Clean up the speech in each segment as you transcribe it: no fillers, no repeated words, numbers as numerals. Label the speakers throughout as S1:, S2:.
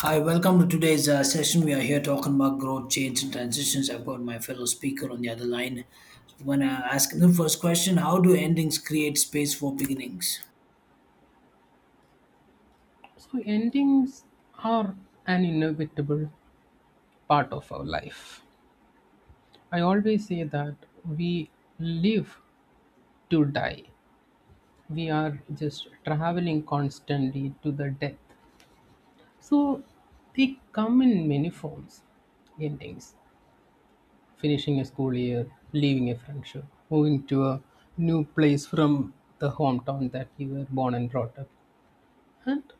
S1: Hi, welcome to today's session. We are here talking about growth, change, and transitions. I've got my fellow speaker on the other line. So I'm going to ask him the first question: how do endings create space for beginnings?
S2: So, endings are an inevitable part of our life. I always say that we live to die, we are just traveling constantly to the death. So, they come in many forms endings, finishing a school year, leaving a friendship, moving to a new place from the hometown that you were born and brought up, and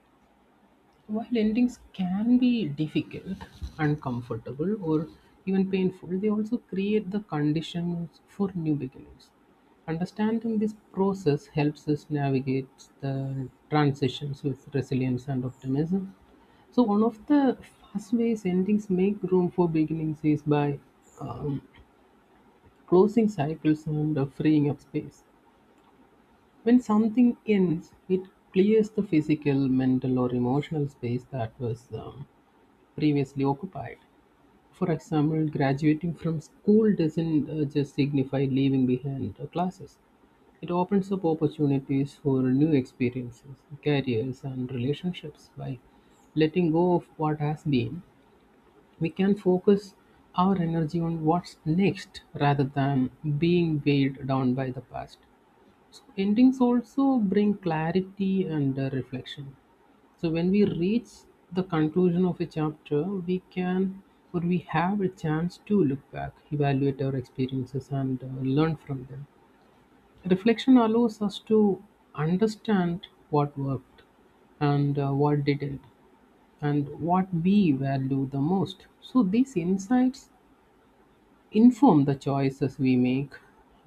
S2: while endings can be difficult, uncomfortable, or even painful, they also create the conditions for new beginnings. Understanding this process helps us navigate the transitions with resilience and optimism. So, one of the fast ways endings make room for beginnings is by um, closing cycles and freeing up space. When something ends, it clears the physical, mental, or emotional space that was previously occupied. For example, graduating from school doesn't just signify leaving behind classes. It opens up opportunities for new experiences, careers, and relationships. By letting go of what has been, we can focus our energy on what's next rather than being weighed down by the past. So, endings also bring clarity and reflection. So when we reach the conclusion of a chapter, we can or we have a chance to look back, evaluate our experiences, and learn from them. Reflection allows us to understand what worked and what didn't, and what we value the most. So these insights inform the choices we make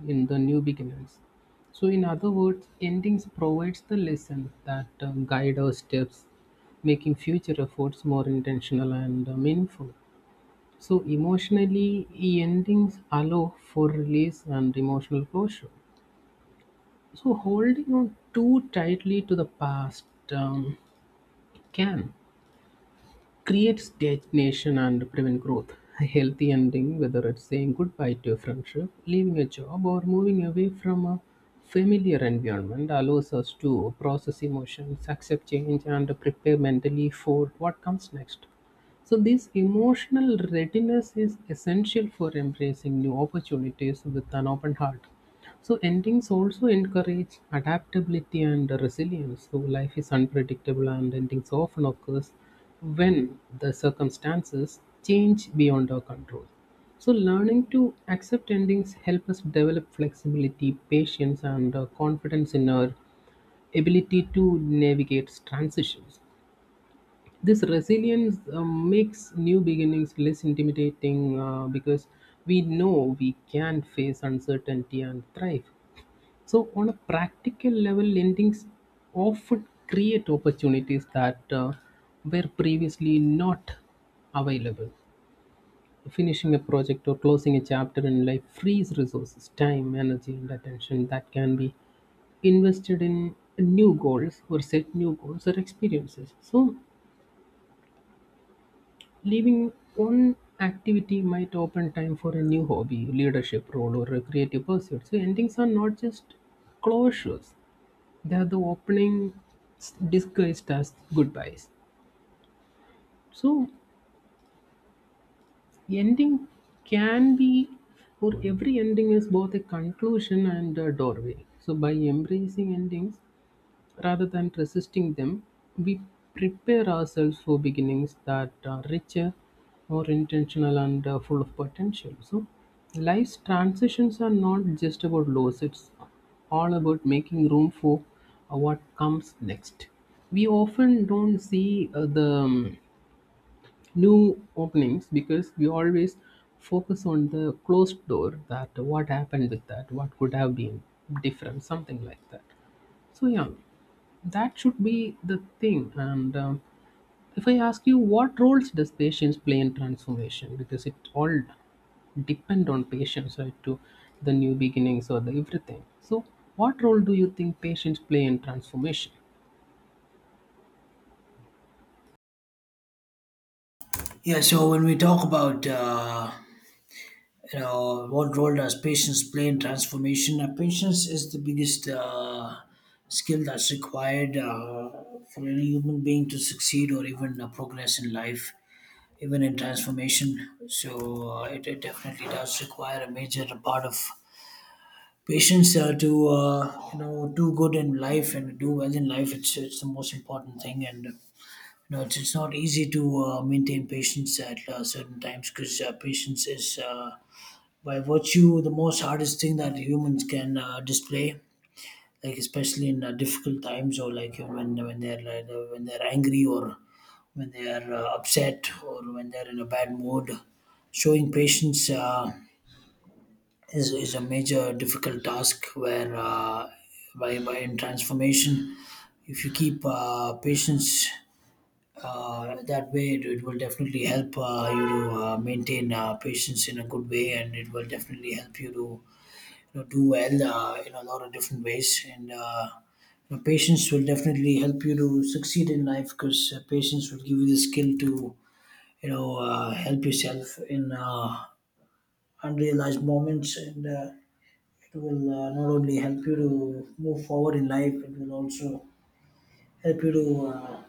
S2: in the new beginnings. So, in other words, endings provides the lesson that guide our steps, making future efforts more intentional and meaningful. So, emotionally, endings allow for release and emotional closure. So, holding on too tightly to the past um, can create stagnation and prevent growth. A healthy ending, whether it's saying goodbye to a friendship, leaving a job, or moving away from a familiar environment, allows us to process emotions, accept change, and prepare mentally for what comes next. So, this emotional readiness is essential for embracing new opportunities with an open heart. So endings also encourage adaptability and resilience. So life is unpredictable and endings often occurs when the circumstances change beyond our control. So learning to accept endings help us develop flexibility, patience and confidence in our ability to navigate transitions. This resilience makes new beginnings less intimidating because we know we can face uncertainty and thrive. So, on a practical level, lendings often create opportunities that were previously not available. Finishing a project or closing a chapter in life frees resources, time, energy, and attention that can be invested in new goals or set new goals or experiences. So, leaving one activity might open time for a new hobby, leadership role, or a creative pursuit. So, endings are not just closures, they're the opening, disguised as goodbyes. So ending can be, or every ending is both a conclusion and a doorway. So by embracing endings, rather than resisting them, we prepare ourselves for beginnings that are richer, more intentional, and full of potential. So, life's transitions are not just about loss, it's all about making room for what comes next. We often don't see the new openings because we always focus on the closed door, that what happened with that, what could have been different, something like that. So yeah, that should be the thing. And if I ask you, what roles does patience play in transformation? Because it all depend on patience, right? To the new beginnings or the everything. So what role do you think patience play in transformation?
S1: Yeah, so when we talk about you know, what role does patience play in transformation, patience is the biggest skill that's required for any human being to succeed or even progress in life, even in transformation. So it definitely does require a major part of patience to you know, do good in life and do well in life. It's the most important thing, and you know it's not easy to maintain patience at certain times because patience is, by virtue, the most hardest thing that humans can display. Like especially in difficult times, or like when they're like, when they're angry or when they're upset or when they're in a bad mood, showing patience is a major difficult task where by in transformation, if you keep patience that way, it will definitely help you to maintain patience in a good way, and it will definitely help you to, you know, do well in a lot of different ways, and you know, patience will definitely help you to succeed in life because patience will give you the skill to, you know, help yourself in unrealized moments, and it will not only help you to move forward in life, it will also help you to,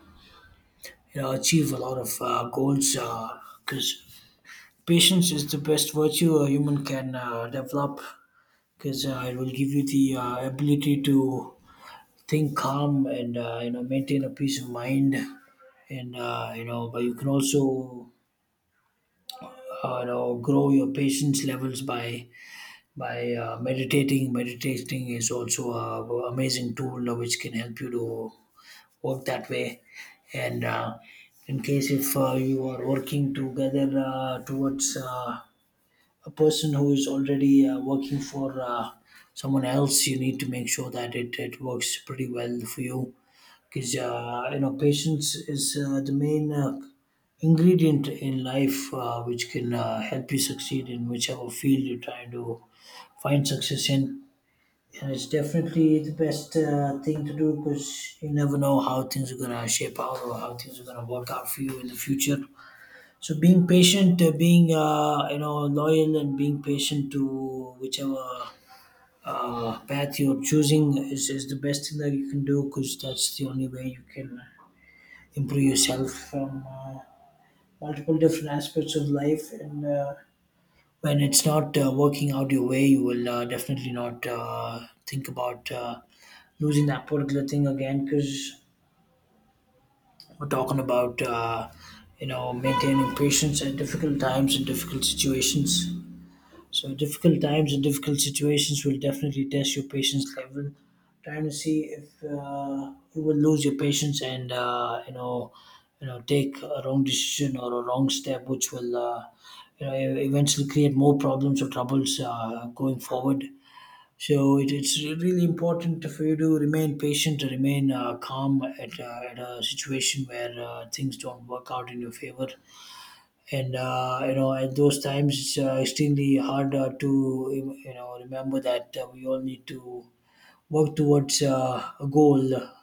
S1: you know, achieve a lot of goals, because patience is the best virtue a human can develop, because it will give you the ability to think calm and, you know, maintain a peace of mind, and you know, but you can also you know grow your patience levels by meditating. Meditating is also a amazing tool which can help you to work that way. And in case if you are working together towards a person who is already working for someone else, you need to make sure that it works pretty well for you. Because you know, patience is the main ingredient in life, which can help you succeed in whichever field you're trying to find success in, and it's definitely the best thing to do because you never know how things are gonna shape out or how things are gonna work out for you in the future. So being patient, being, you know, loyal, and being patient to whichever path you're choosing is the best thing that you can do, because that's the only way you can improve yourself from multiple different aspects of life. And when it's not working out your way, you will definitely not think about losing that particular thing again, because we're talking about, you know, maintaining patience at difficult times and difficult situations. So difficult times and difficult situations will definitely test your patience level, trying to see if you will lose your patience and, you know, take a wrong decision or a wrong step, which will, you know, eventually create more problems or troubles going forward. So it's really important for you to remain patient, to remain calm at a situation where things don't work out in your favor, and you know, at those times it's extremely hard to, you know, remember that we all need to work towards a goal,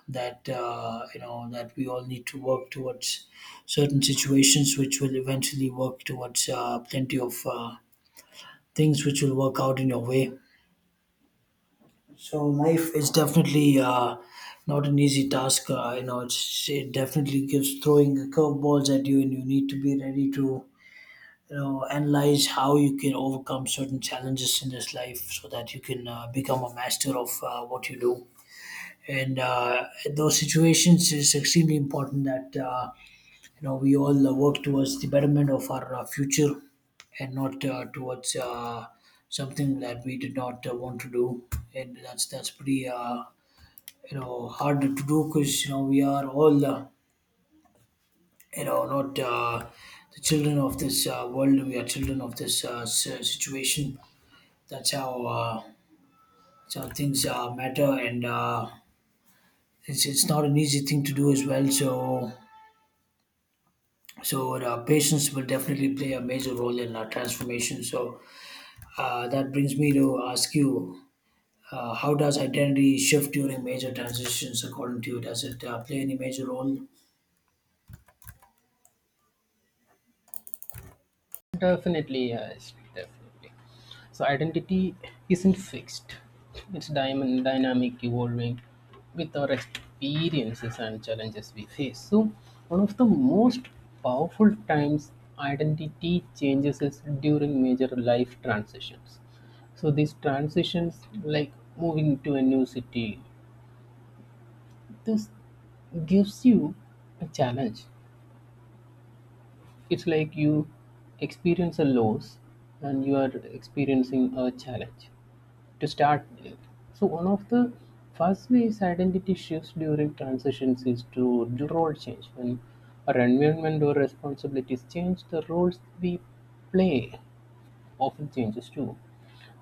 S1: that you know, that we all need to work towards certain situations which will eventually work towards plenty of things which will work out in your way. So life is definitely not an easy task. You know, it's, it definitely gives throwing curveballs at you, and you need to be ready to, you know, analyze how you can overcome certain challenges in this life so that you can become a master of what you do. And in those situations it's extremely important that you know, we all work towards the betterment of our future, and not towards something that we did not want to do. And that's pretty, you know, hard to do, because, you know, we are all you know not the children of this world, we are children of this situation. That's how uh, that's how things matter, and it's not an easy thing to do as well. So patience will definitely play a major role in transformation. So that brings me to ask you. How does identity shift during major transitions according to you? Does it play any major role?
S2: Definitely, yes, definitely. So identity isn't fixed. It's diamond dynamic evolving with our experiences and challenges we face. So one of the most powerful times identity changes is during major life transitions. So these transitions like moving to a new city, this gives you a challenge. It's like you experience a loss and you are experiencing a challenge to start with. So, one of the first ways identity shifts during transitions is to the role change. When our environment or responsibilities change, the roles we play often changes too.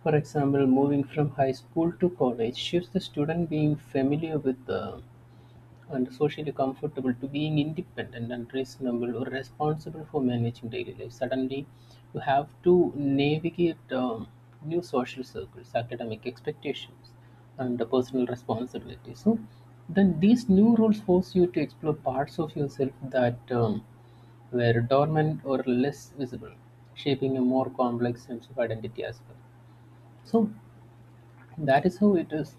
S2: For example, moving from high school to college shifts the student being familiar with the and socially comfortable to being independent and reasonable or responsible for managing daily life. Suddenly, you have to navigate new social circles, academic expectations, and the personal responsibility. So, then these new roles force you to explore parts of yourself that were dormant or less visible, shaping a more complex sense of identity as well. So, that is how it is.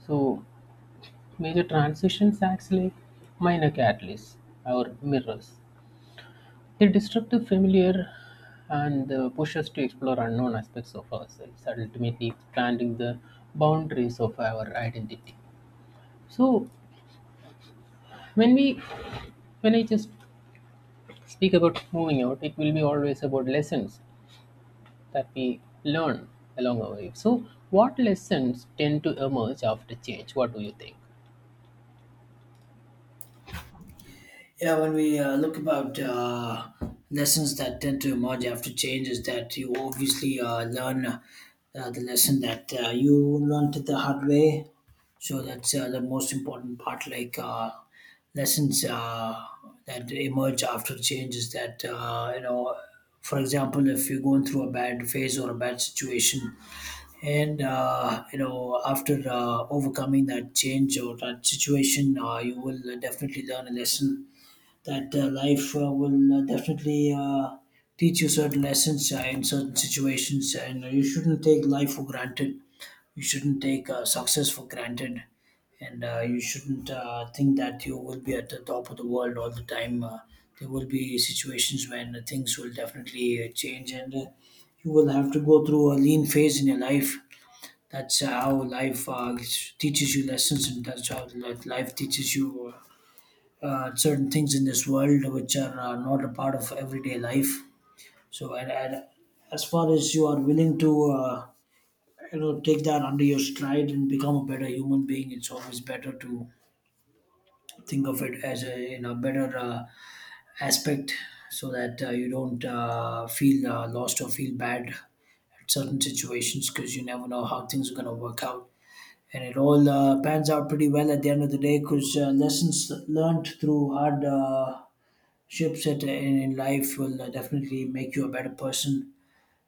S2: So, major transitions actually minor catalysts or mirrors. They disrupt the familiar and push us to explore unknown aspects of ourselves, ultimately expanding the boundaries of our identity. So when we when I just speak about moving out, it will be always about lessons that we learn along our way. So what lessons tend to emerge after change? What do you think?
S1: Yeah, when we look about lessons that tend to emerge after change, is that you obviously learn the lesson that you learned it the hard way. So that's the most important part. Like lessons that emerge after change is that, you know, for example, if you're going through a bad phase or a bad situation, and you know, after overcoming that change or that situation, you will definitely learn a lesson that life will definitely teach you certain lessons in certain situations, and you shouldn't take life for granted. You shouldn't take success for granted, and you shouldn't think that you will be at the top of the world all the time. There will be situations when things will definitely change, and you will have to go through a lean phase in your life. That's how life teaches you lessons, and that's how life teaches you certain things in this world which are not a part of everyday life. So, and as far as you are willing to, you know, take that under your stride and become a better human being, it's always better to think of it as a, you know, better aspect, so that you don't feel lost or feel bad at certain situations, because you never know how things are going to work out. And it all pans out pretty well at the end of the day, because lessons learned through hard ships that in life will definitely make you a better person.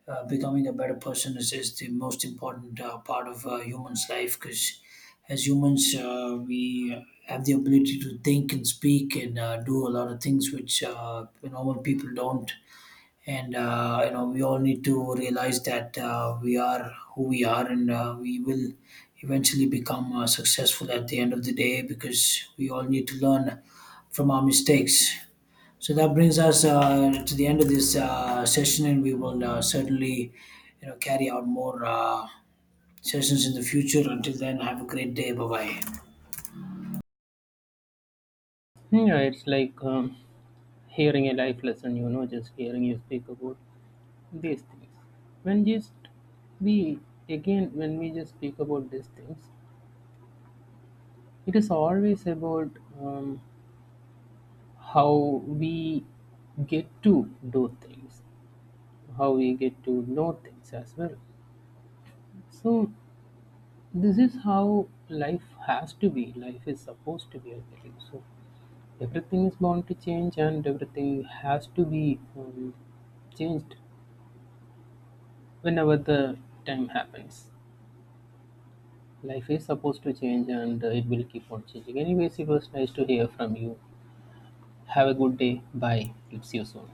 S1: Becoming a better person is the most important part of humans' life, because as humans, we have the ability to think and speak and do a lot of things which normal people don't. And you know, we all need to realize that we are who we are, and we will eventually become successful at the end of the day, because we all need to learn from our mistakes. So that brings us to the end of this session, and we will certainly, you know, carry out more sessions in the future. Until then, have a great day. Bye bye.
S2: Yeah, it's like hearing a life lesson, you know, just hearing you speak about these things. When just we again, when we just speak about these things, it is always about um, how we get to do things, how we get to know things as well. So, this is how life has to be. Life is supposed to be, I believe. So, everything is bound to change and everything has to be changed whenever the time happens. Life is supposed to change and it will keep on changing. Anyways, it was nice to hear from you. Have a good day. Bye. We'll see you soon.